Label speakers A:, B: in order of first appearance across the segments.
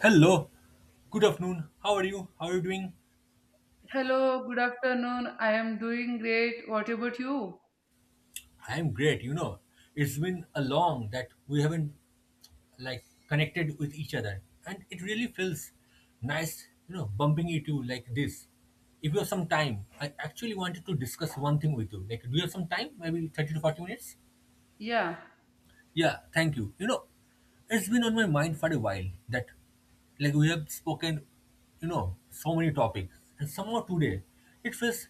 A: Hello, good afternoon. How are you? How are you doing?
B: Hello, good afternoon. I am doing great. What about you?
A: I'm great. You know, it's been a long that we haven't like connected with each other, and it really feels nice, bumping into you like this. If you have some time, I actually wanted to discuss one thing with you. Like, do you have some time? Maybe 30 to 40 minutes?
B: Yeah.
A: Yeah, thank you. It's been on my mind for a while that, like, we have spoken, so many topics, and somehow today it feels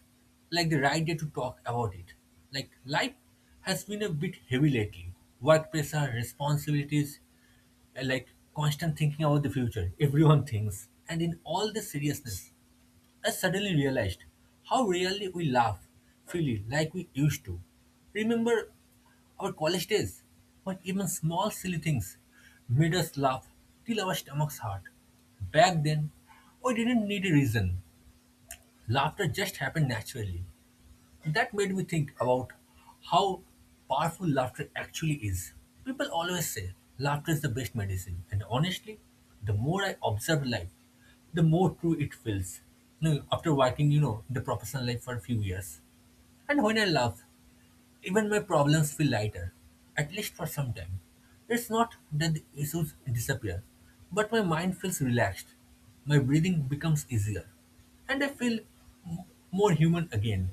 A: like the right day to talk about it. Like, life has been a bit heavy lately work pressure, responsibilities, uh, like constant thinking about the future. Everyone thinks. And in all this seriousness, I suddenly realized how rarely we laugh freely like we used to. Remember our college days when even small silly things made us laugh till our stomachs hurt. Back then, we didn't need a reason. Laughter just happened naturally. That made me think about how powerful laughter actually is. People always say laughter is the best medicine, and honestly, the more I observe life, the more true it feels. You know, after working, in the professional life for a few years, and when I laugh, even my problems feel lighter, at least for some time. It's not that the issues disappear, but my mind feels relaxed. My breathing becomes easier, and I feel m- more human again.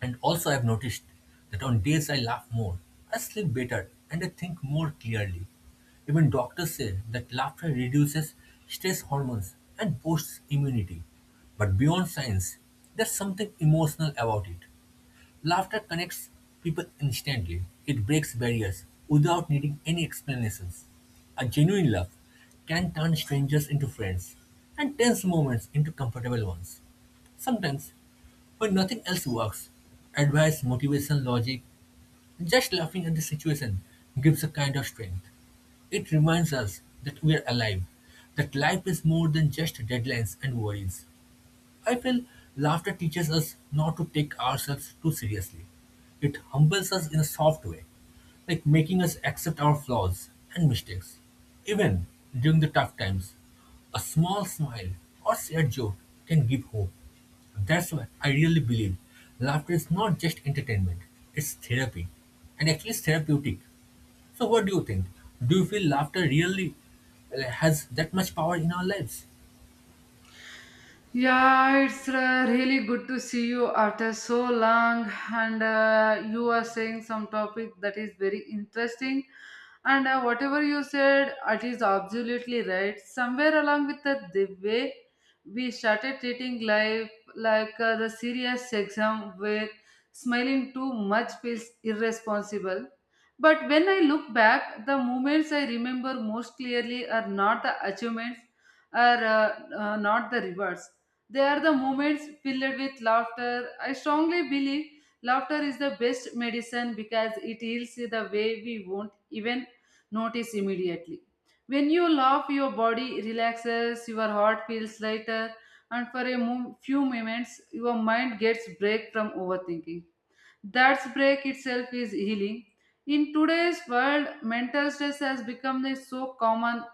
A: And also, I've noticed that on days I laugh more, I sleep better and I think more clearly. Even doctors say that laughter reduces stress hormones and boosts immunity. But beyond science, there's something emotional about it. Laughter connects people instantly. It breaks barriers without needing any explanations. A genuine laugh can turn strangers into friends and tense moments into comfortable ones. Sometimes, when nothing else works, advice, motivation, logic, just laughing at the situation gives a kind of strength. It reminds us that we are alive, that life is more than just deadlines and worries. I feel laughter teaches us not to take ourselves too seriously. It humbles us in a soft way, like making us accept our flaws and mistakes. Even during the tough times, a small smile or shared joke can give hope. That's why I really believe laughter is not just entertainment, it's therapy, and actually it's therapeutic. So, what do you think? Do you feel laughter really has that much power in our lives?
B: Yeah, it's really good to see you after so long, and you are saying some topic that is very interesting. And Whatever you said, it is absolutely right. Somewhere along with the way we started treating life like the serious exam, where smiling too much feels irresponsible. But when I look back, the moments I remember most clearly are not the achievements, are not the rewards, they are the moments filled with laughter. I strongly believe laughter is the best medicine because it heals the way we won't even notice immediately. When you laugh, your body relaxes, your heart feels lighter, and for few moments, your mind gets break from overthinking. That break itself is healing. In today's world, mental stress has become a so common.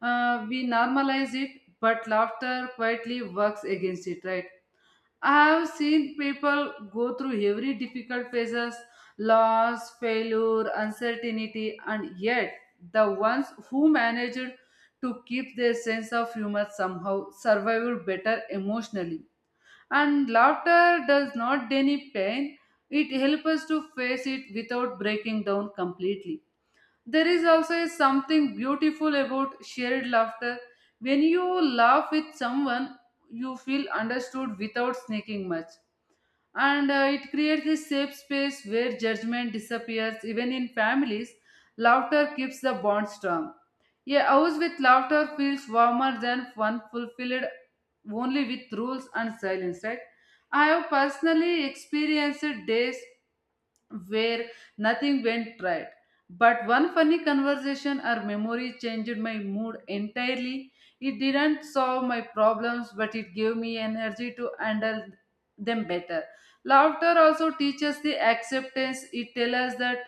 B: We normalize it, but laughter quietly works against it, right? I have seen people go through every difficult phases, loss, failure, uncertainty, and yet the ones who managed to keep their sense of humor somehow survived better emotionally, and laughter does not deny pain; it helps us to face it without breaking down completely. There is also a something beautiful about shared laughter. When you laugh with someone, you feel understood without sneaking much, and it creates a safe space where judgment disappears. Even in families, laughter keeps the bond strong. A house with laughter feels warmer than one fulfilled only with rules and silence, right? I have personally experienced days where nothing went right. But one funny conversation or memory changed my mood entirely. It didn't solve my problems, but it gave me energy to handle them better. Laughter also teaches the acceptance. It tells us that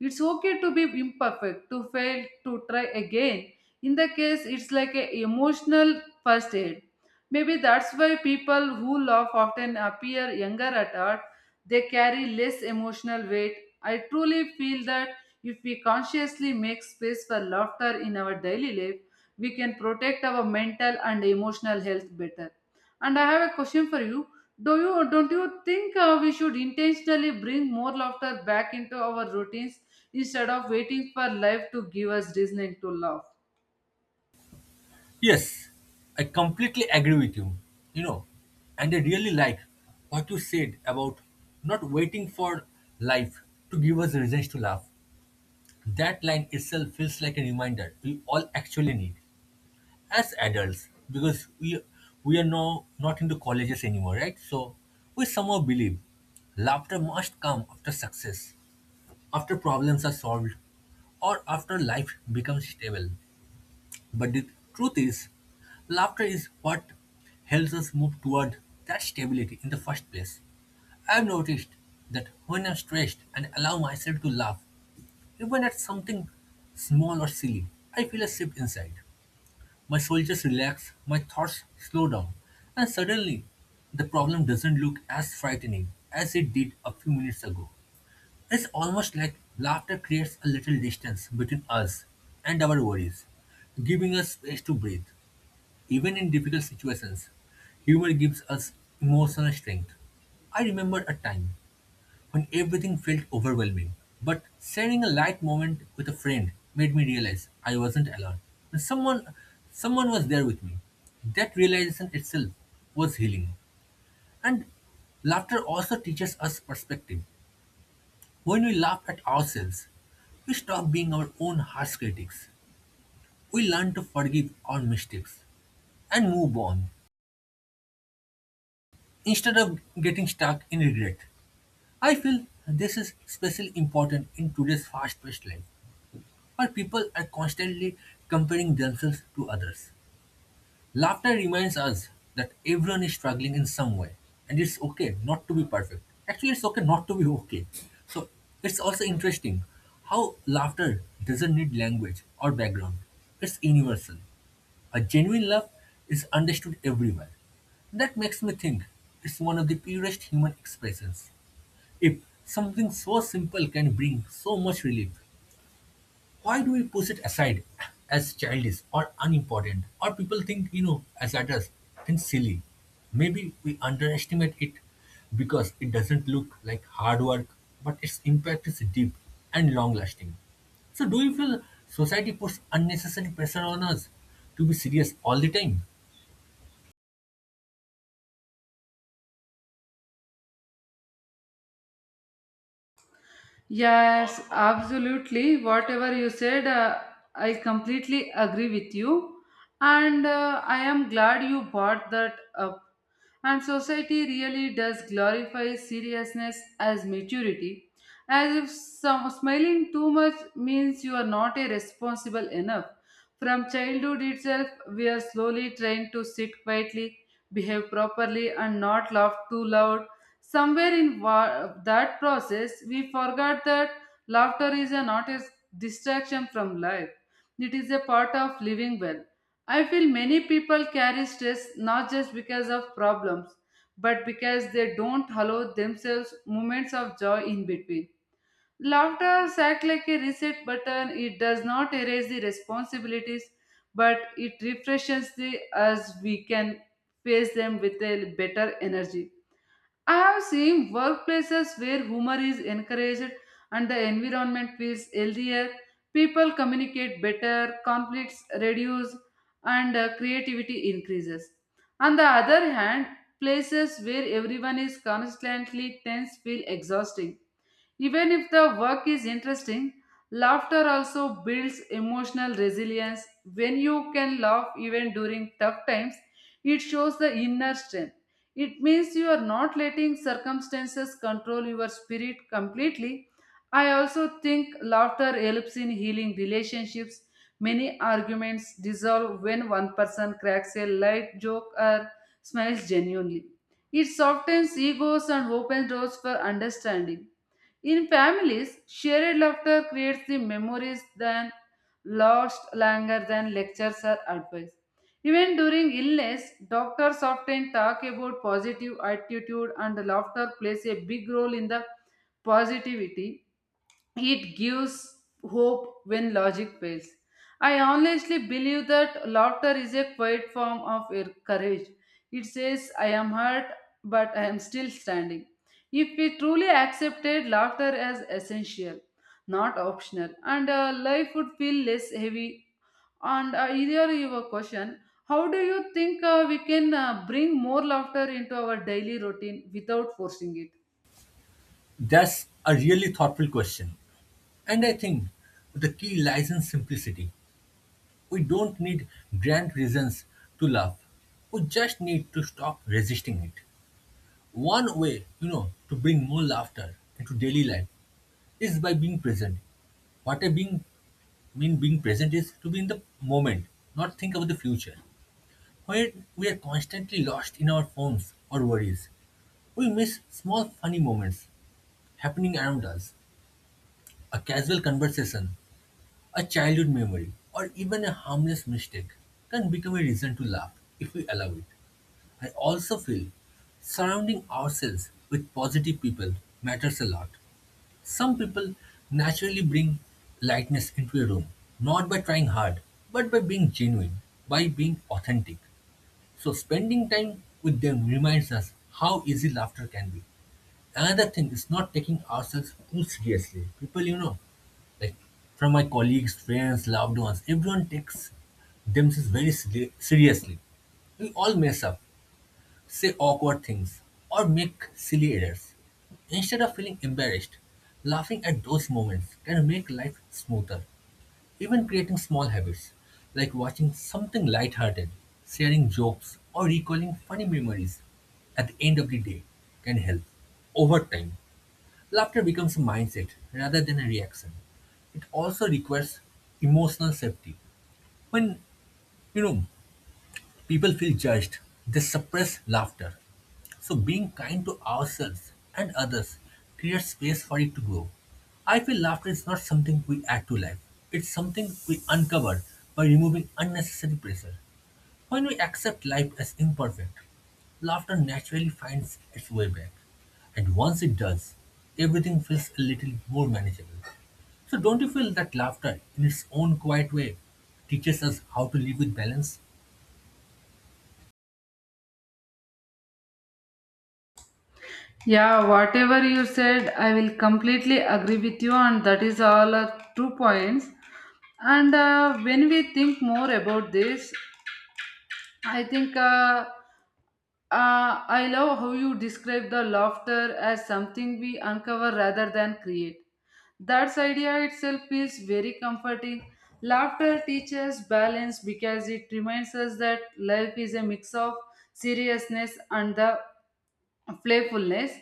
B: it's okay to be imperfect, to fail, to try again. In the case, it's like an emotional first aid. Maybe that's why people who laugh often appear younger at heart; they carry less emotional weight. I truly feel that if we consciously make space for laughter in our daily life, we can protect our mental and emotional health better. And I have a question for you. Do you Don't you think we should intentionally bring more laughter back into our routines instead of waiting for life to give us reason to laugh?
A: Yes, I completely agree with you. You know, and I really like what you said about not waiting for life to give us reasons to laugh. That line itself feels like a reminder we all actually need as adults because we are now not into colleges anymore, right? So we somehow believe laughter must come after success, after problems are solved, or after life becomes stable. But the truth is, laughter is what helps us move toward that stability in the first place. I've noticed that when I'm stressed and allow myself to laugh, even at something small or silly, I feel a shift inside. My shoulders relax, my thoughts slow down, and suddenly the problem doesn't look as frightening as it did a few minutes ago. It's almost like laughter creates a little distance between us and our worries, giving us space to breathe. Even in difficult situations, humor gives us emotional strength. I remember a time when everything felt overwhelming, but sharing a light moment with a friend made me realize I wasn't alone. And someone was there with me. That realization itself was healing. And laughter also teaches us perspective. When we laugh at ourselves, we stop being our own harsh critics. We learn to forgive our mistakes and move on. Instead of getting stuck in regret, I feel this is especially important in today's fast paced life where people are constantly comparing themselves to others. Laughter reminds us that everyone is struggling in some way and it's okay not to be perfect. Actually, it's okay not to be okay. So, it's also interesting how laughter doesn't need language or background, it's universal. A genuine love is understood everywhere. That makes me think it's one of the purest human expressions. If something so simple can bring so much relief, why do we push it aside as childish or unimportant? Or people think, as adults, think silly. Maybe we underestimate it because it doesn't look like hard work, but its impact is deep and long lasting. So, do you feel society puts unnecessary pressure on us to be serious all the time?
B: Yes, absolutely. Whatever you said, I completely agree with you. And I am glad you brought that up, and society really does glorify seriousness as maturity, as if some smiling too much means you are not a responsible enough. From childhood itself, we are slowly trained to sit quietly, behave properly, and not laugh too loud. Somewhere in that process, we forgot that laughter is a not a distraction from life. It is a part of living well. I feel many people carry stress not just because of problems, but because they don't allow themselves moments of joy in between. Laughter acts like a reset button. It does not erase the responsibilities, but it refreshes the as we can face them with a better energy. I have seen workplaces where humor is encouraged and the environment feels healthier. People communicate better, conflicts reduce, and creativity increases. On the other hand, places where everyone is constantly tense feel exhausting. Even if the work is interesting, laughter also builds emotional resilience. When you can laugh even during tough times, it shows the inner strength. It means you are not letting circumstances control your spirit completely. I also think laughter helps in healing relationships. Many arguments dissolve when one person cracks a light joke or smiles genuinely. It softens egos and opens doors for understanding. In families, shared laughter creates the memories than lost longer than lectures or advice. Even during illness, doctors often talk about positive attitude, and laughter plays a big role in the positivity. It gives hope when logic fails. I honestly believe that laughter is a quiet form of courage. It says, "I am hurt, but I am still standing." If we truly accepted laughter as essential, not optional, and life would feel less heavy. And Here you have a question. How do you think we can bring more laughter into our daily routine without forcing it?
A: That's a really thoughtful question, and I think the key lies in simplicity. We don't need grand reasons to love. We just need to stop resisting it. One way, to bring more laughter into daily life is by being present. What I being, mean being present is to be in the moment, not think about the future. When we are constantly lost in our phones or worries, we miss small funny moments happening around us. A casual conversation A childhood memory, or even a harmless mistake, can become a reason to laugh if we allow it. I also feel surrounding ourselves with positive people matters a lot. Some people naturally bring lightness into a room, not by trying hard, but by being genuine, by being authentic. So, spending time with them reminds us how easy laughter can be. Another thing is not taking ourselves too seriously. People, like from my colleagues, friends, loved ones, everyone takes themselves very seriously. We all mess up, say awkward things, or make silly errors. Instead of feeling embarrassed, laughing at those moments can make life smoother. Even creating small habits, like watching something lighthearted, sharing jokes, or recalling funny memories at the end of the day, can help over time. Laughter becomes a mindset rather than a reaction. It also requires emotional safety. When you know people feel judged, they suppress laughter. So being kind to ourselves and others creates space for it to grow. I feel laughter is not something we add to life. It's something we uncover by removing unnecessary pressure. When we accept life as imperfect, laughter naturally finds its way back. And once it does, everything feels a little more manageable. So, don't you feel that laughter, in its own quiet way, teaches us how to live with balance?
B: Yeah, whatever you said, I will completely agree with you, and that is all 2 points. And When we think more about this, I think uh, I love how you describe the laughter as something we uncover rather than create. That idea itself is very comforting. Laughter teaches balance because it reminds us that life is a mix of seriousness and the playfulness.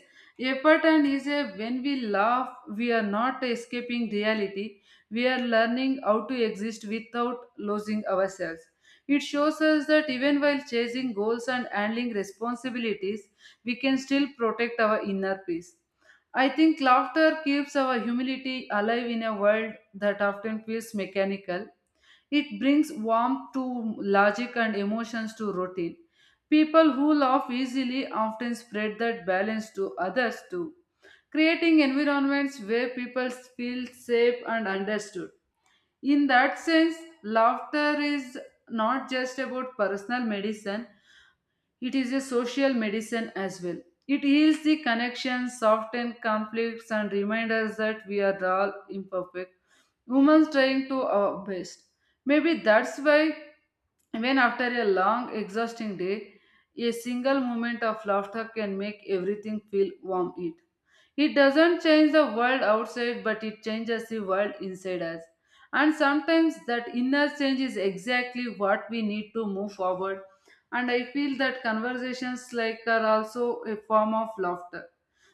B: A pattern is a when we laugh, we are not escaping reality, we are learning how to exist without losing ourselves. It shows us that even while chasing goals and handling responsibilities, we can still protect our inner peace. I think laughter keeps our humility alive in a world that often feels mechanical. It brings warmth to logic and emotions to routine. People who laugh easily often spread that balance to others too, creating environments where people feel safe and understood. In that sense, laughter is not just about personal medicine, it is a social medicine as well. It heals the connections, softens conflicts, and reminds us that we are all imperfect, Women's trying to our best. Maybe that's why when after a long, exhausting day, a single moment of laughter can make everything feel warm it. It doesn't change the world outside, but it changes the world inside us. And sometimes that inner change is exactly what we need to move forward. And I feel that conversations like are also a form of laughter.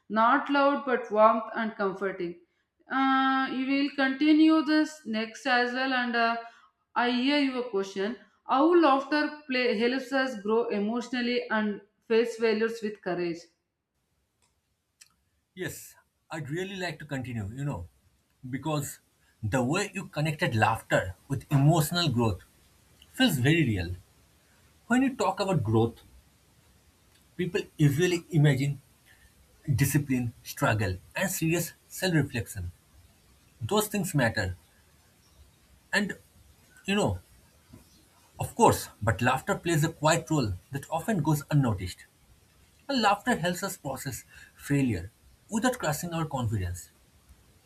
B: Not loud, but warmth and comforting. You will continue this next as well, and I hear your question: how laughter play helps us grow emotionally and face failures with courage.
A: Yes, I'd really like to continue, because the way you connected laughter with emotional growth feels very real. When you talk about growth, people usually imagine discipline, struggle, and serious self reflection. Those things matter. And, you know, of course, but laughter plays a quiet role that often goes unnoticed. And laughter helps us process failure without crushing our confidence.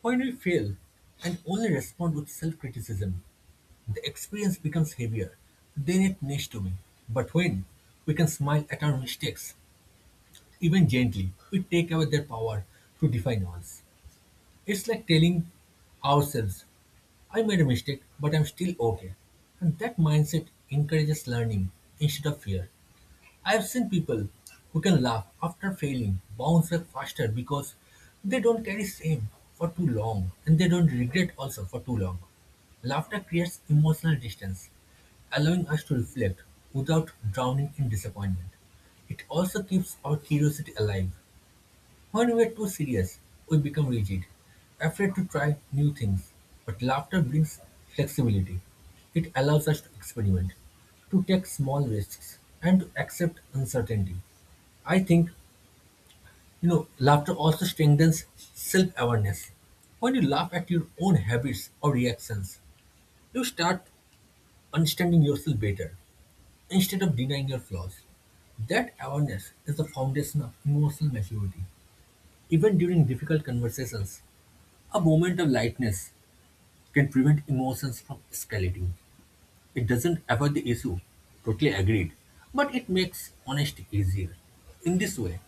A: When we fail and only respond with self criticism, the experience becomes heavier than it needs to be. But when we can smile at our mistakes, even gently, we take away their power to define us. It's like telling ourselves I made a mistake, but I'm still okay. And that mindset encourages learning instead of fear. I've seen people who can laugh after failing bounce back faster because they don't carry shame for too long and they don't regret also for too long. Laughter creates emotional distance, allowing us to reflect without drowning in disappointment. It also keeps our curiosity alive when we're too serious, we become rigid, afraid to try new things. But laughter brings flexibility. It allows us to experiment, to take small risks, and to accept uncertainty. I think, laughter also strengthens self awareness. When you laugh at your own habits or reactions, you start understanding yourself better instead of denying your flaws. That awareness is the foundation of emotional maturity. Even during difficult conversations, a moment of lightness can prevent emotions from escalating. It doesn't avoid the issue, totally agreed, but it makes honesty easier. In this way,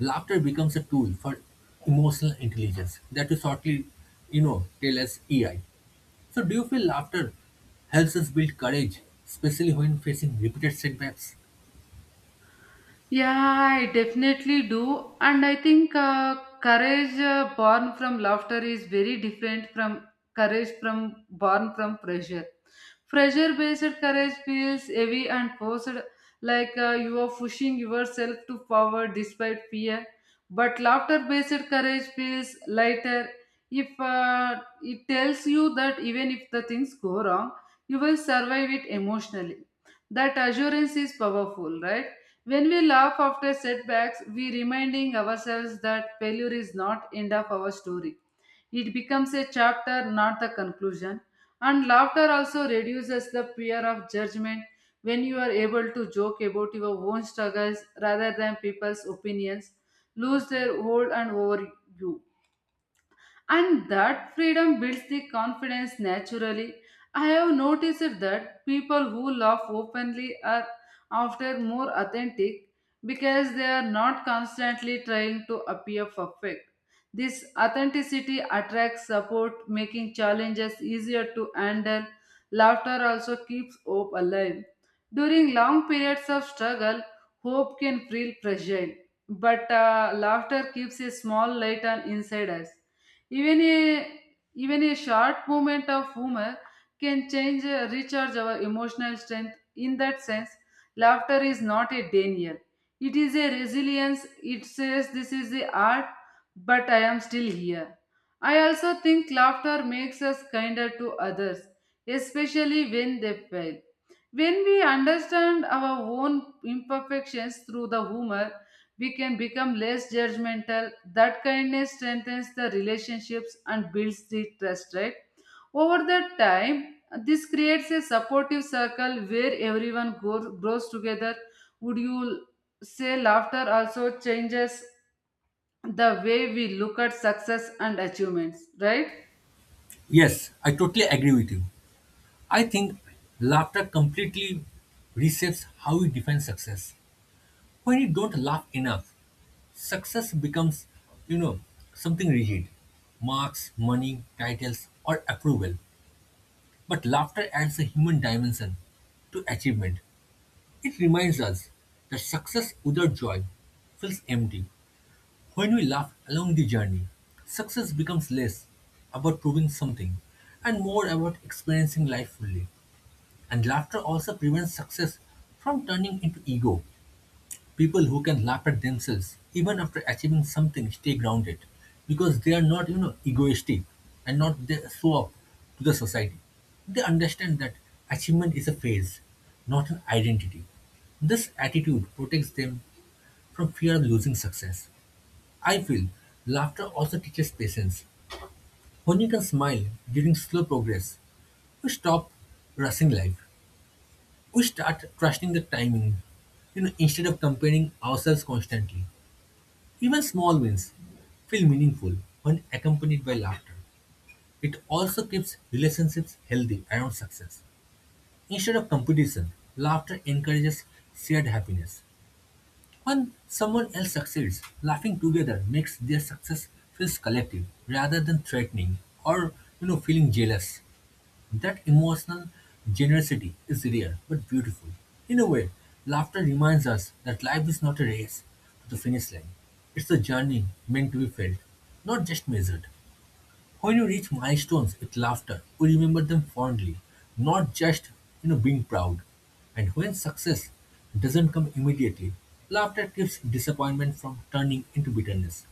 A: laughter becomes a tool for emotional intelligence that we shortly, tell as EI. So, do you feel laughter helps us build courage, especially when facing repeated setbacks?
B: Yeah, I definitely do. And I think, courage born from laughter is very different from courage from born from pressure. Pressure based courage feels heavy and forced, like you are pushing yourself to forward despite fear. But laughter based courage feels lighter. If It tells you that even if the things go wrong, you will survive it emotionally. That assurance is powerful, right? When we laugh after setbacks, we reminding ourselves that failure is not end of our story. It becomes a chapter, not the conclusion. And laughter also reduces the fear of judgment when you are able to joke about your own struggles rather than people's opinions lose their hold and over you, and that freedom builds the confidence naturally. I have noticed that people who laugh openly are often more authentic because they are not constantly trying to appear perfect. This authenticity attracts support, making challenges easier to handle. Laughter also keeps hope alive. During long periods of struggle, hope can feel fragile, but laughter keeps a small light on inside us. Even a Even a short moment of humor can change recharge our emotional strength. In that sense, laughter is not a denial. It is a resilience. It says this is the art, but I am still here. I also think laughter makes us kinder to others, especially when they fail. When we understand our own imperfections through the humor, we can become less judgmental. That kindness strengthens the relationships and builds the trust, right? Over the time, this creates a supportive circle where everyone grows together. Would you say laughter also changes the way we look at success and achievements, right?
A: Yes, I totally agree with you. I think laughter completely reshapes how we define success. When you don't laugh enough, success becomes, you know, something rigid marks, money, titles, or approval. But laughter adds a human dimension to achievement. It reminds us that success without joy feels empty. When we laugh along the journey, success becomes less about proving something and more about experiencing life fully. And laughter also prevents success from turning into ego. People who can laugh at themselves even after achieving something stay grounded because they are not, egoistic and not they show up to the society. They understand that achievement is a phase, not an identity. This attitude protects them from fear of losing success. I feel laughter also teaches patience. When you can smile during slow progress, we stop rushing life. We start trusting the timing, instead of comparing ourselves constantly. Even small wins feel meaningful when accompanied by laughter. It also keeps relationships healthy around success. Instead of competition, laughter encourages shared happiness. When someone else succeeds, laughing together makes their success feels collective rather than threatening or feeling jealous. That emotional generosity is rare but beautiful. In a way, laughter reminds us that life is not a race to the finish line. It's a journey meant to be felt, not just measured. When you reach milestones with laughter, you remember them fondly, not just being proud. And when success doesn't come immediately, laughter keeps disappointment from turning into bitterness.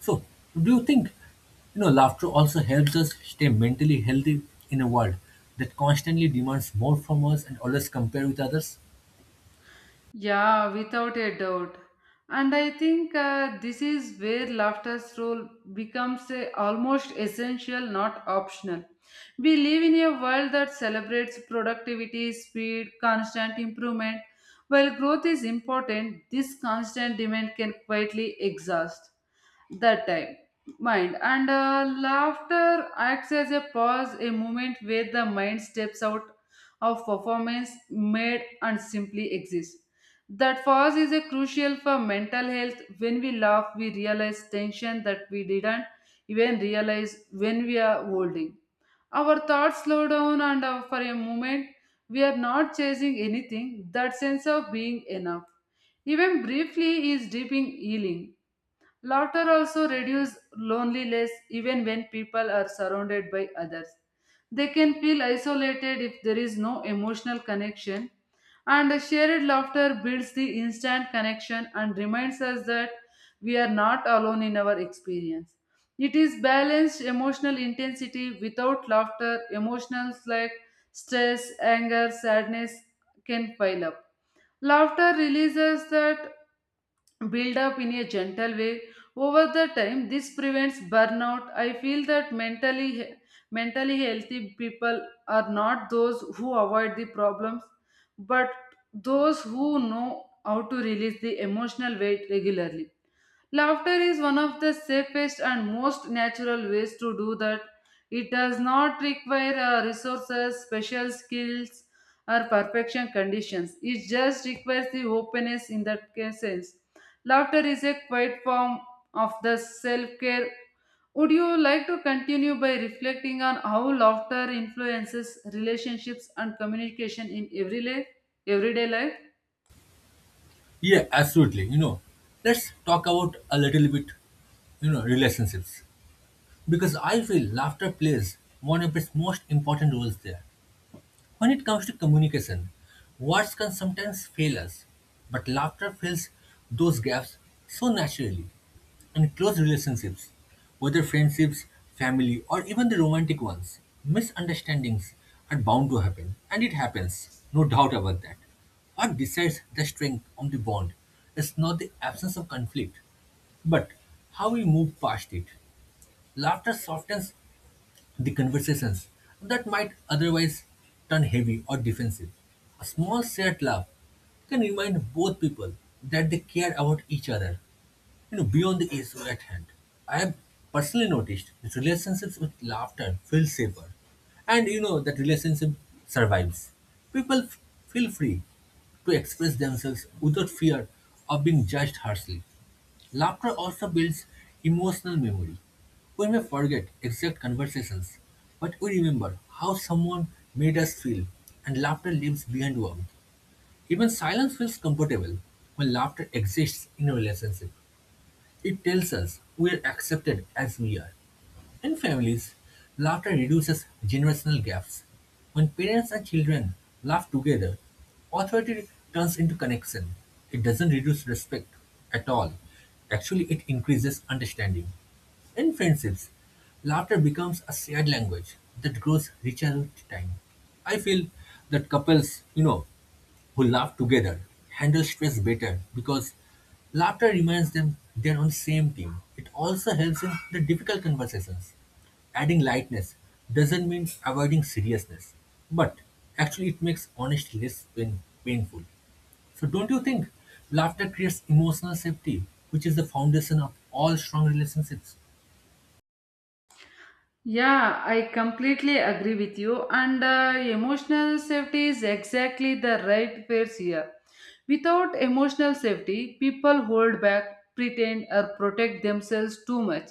A: So, do you think, laughter also helps us stay mentally healthy in a world that constantly demands more from us and always compare with others?
B: Yeah, without a doubt. And I think this is where laughter's role becomes a, almost essential, not optional. We live in a world that celebrates productivity, speed, constant improvement. While growth is important, this constant demand can quietly exhaust that time mind, and laughter acts as a pause, a moment where the mind steps out of performance made and simply exists. That pause is a crucial for mental health. When we laugh, we realize tension that we didn't even realize when we are holding. Our thoughts slow down, and for a moment we are not chasing anything. That sense of being enough, even briefly, is deep in healing. Laughter also reduces loneliness even when people are surrounded by others. They can feel isolated if there is no emotional connection, and a shared laughter builds the instant connection and reminds us that we are not alone in our experience. It is balanced emotional intensity without laughter, emotions like stress, anger, sadness can pile up. Laughter releases that build up in a gentle way. Over the time, this prevents burnout. I feel that mentally healthy people are not those who avoid the problems, but those who know how to release the emotional weight regularly. Laughter is one of the safest and most natural ways to do that. It does not require resources, special skills, or perfection conditions. It just requires the openness in that case sense. Laughter is a quiet form of the self care. Would you like to continue by reflecting on how laughter influences relationships and communication in every life, everyday life?
A: Yeah, absolutely. You know, let's talk about a little bit, relationships because I feel laughter plays one of its most important roles there. When it comes to communication, words can sometimes fail us, but laughter fills those gaps so naturally. In close relationships, whether friendships, family, or even the romantic ones, misunderstandings are bound to happen, and it happens, no doubt about that. What decides the strength of the bond is not the absence of conflict, but how we move past it. Laughter softens the conversations that might otherwise turn heavy or defensive. A small shared laugh can remind both people that they care about each other, beyond the issue at hand. I have personally noticed that relationships with laughter feel safer. And you know that relationship survives. People f- feel free to express themselves without fear of being judged harshly. Laughter also builds emotional memory. We may forget exact conversations, but we remember how someone made us feel, and laughter leaves behind warmth. Even silence feels comfortable when laughter exists in a relationship. It tells us we are accepted as we are. In families, laughter reduces generational gaps. When parents and children laugh together, authority turns into connection. It doesn't reduce respect at all. Actually, it increases understanding. In friendships, laughter becomes a shared language that grows richer with time. I feel that couples, who laugh together handle stress better because laughter reminds them they're on the same team. It also helps in the difficult conversations. Adding lightness doesn't mean avoiding seriousness, but actually it makes honesty less painful. So don't you think laughter creates emotional safety, which is the foundation of all strong relationships?
B: Yeah, I completely agree with you. And emotional safety is exactly the right phrase here. Without emotional safety, people hold back, pretend, or protect themselves too much.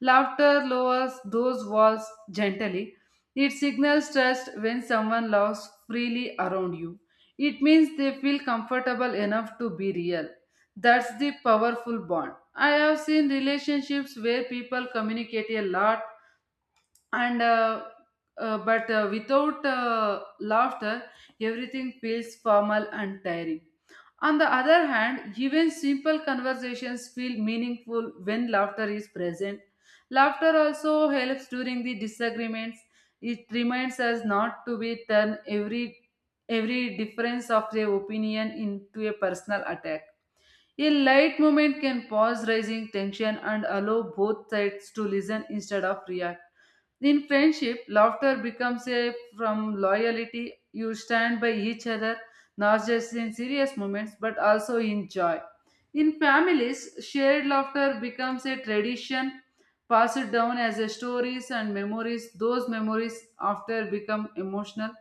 B: Laughter lowers those walls gently. It signals trust when someone laughs freely around you. It means they feel comfortable enough to be real. That's the powerful bond. I have seen relationships where people communicate a lot and but without laughter, everything feels formal and tiring. On the other hand, even simple conversations feel meaningful when laughter is present. Laughter also helps during the disagreements. It reminds us not to be turn every difference of their opinion into a personal attack. A light moment can pause rising tension and allow both sides to listen instead of react. In friendship, laughter becomes a from loyalty. You stand by each other, not just in serious moments, but also in joy. In families, shared laughter becomes a tradition passed down as a stories and memories. Those memories after become emotional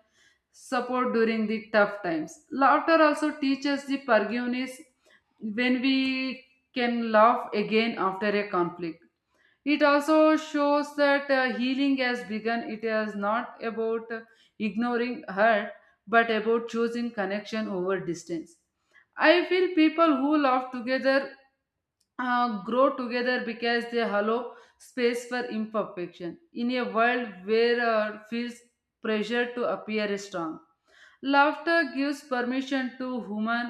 B: support during the tough times. Laughter also teaches the forgiveness when we can laugh again after a conflict. It also shows that healing has begun. It is not about ignoring hurt, but about choosing connection over distance. I feel people who laugh together grow together because they allow space for imperfection. In a world where feels pressure to appear strong, Laughter gives permission to human.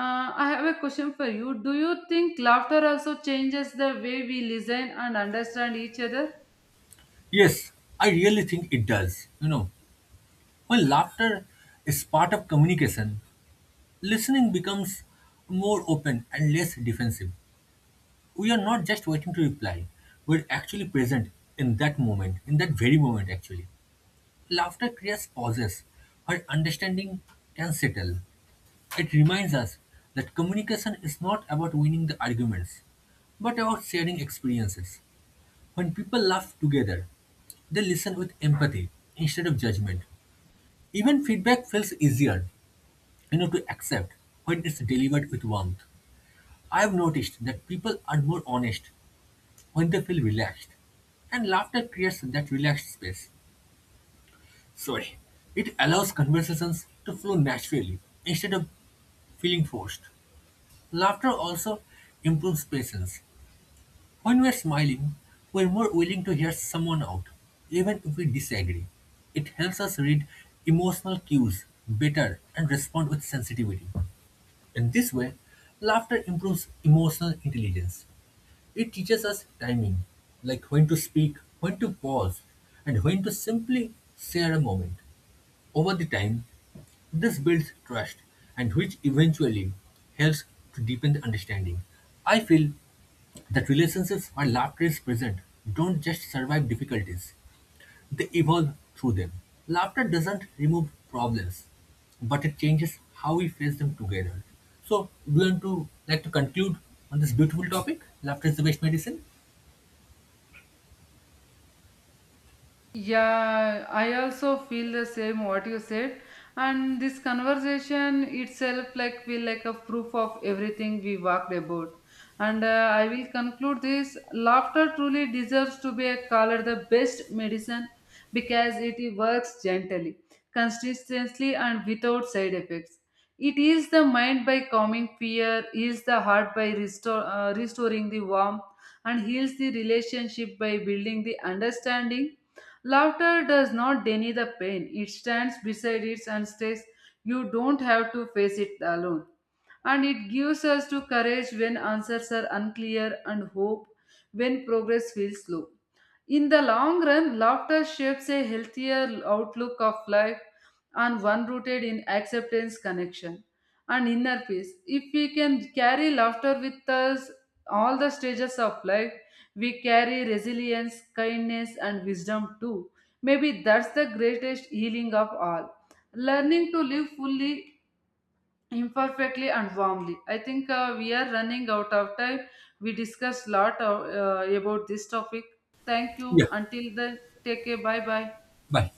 B: I have a question for you. Do you think laughter also changes the way we listen and understand each other?
A: Yes, I really think it does. You know, when laughter is part of communication, listening becomes more open and less defensive. We are not just waiting to reply, we're actually present in that moment, in that very moment, actually. Laughter creates pauses where understanding can settle. It reminds us that communication is not about winning the arguments, but about sharing experiences. When people laugh together, they listen with empathy instead of judgment. Even feedback feels easier, to accept when it's delivered with warmth. I've noticed that people are more honest when they feel relaxed, and laughter creates that relaxed space. Sorry, it allows conversations to flow naturally instead of feeling forced. Laughter also improves patience. When we're smiling, we're more willing to hear someone out, even if we disagree. It helps us read emotional cues better and respond with sensitivity. In this way, laughter improves emotional intelligence. It teaches us timing, like when to speak, when to pause, and when to simply share a moment. Over the time, this builds trust and which eventually helps to deepen the understanding. I feel that relationships where laughter is present don't just survive difficulties, they evolve through them. Laughter doesn't remove problems, but it changes how we face them together. So, do you want to like to conclude on this beautiful topic? Laughter is the best medicine.
B: Yeah, I also feel the same what you said. And this conversation itself like will like a proof of everything we walked about. And I will conclude this. Laughter truly deserves to be called the best medicine because it works gently, consistently, and without side effects. It heals the mind by calming fear, heals the heart by restoring the warmth, and heals the relationship by building the understanding. Laughter does not deny the pain; it stands beside it and says, "You don't have to face it alone." And it gives us to courage when answers are unclear, and hope when progress feels slow. In the long run, laughter shapes a healthier outlook of life, and one rooted in acceptance, connection, and inner peace. If we can carry laughter with us all the stages of life, we carry resilience, kindness, and wisdom too. Maybe that's the greatest healing of all. Learning to live fully imperfectly and warmly. I think we are running out of time. We discussed a lot of, about this topic. Thank you
A: Yeah,
B: until then. Take care. Bye bye.
A: bye.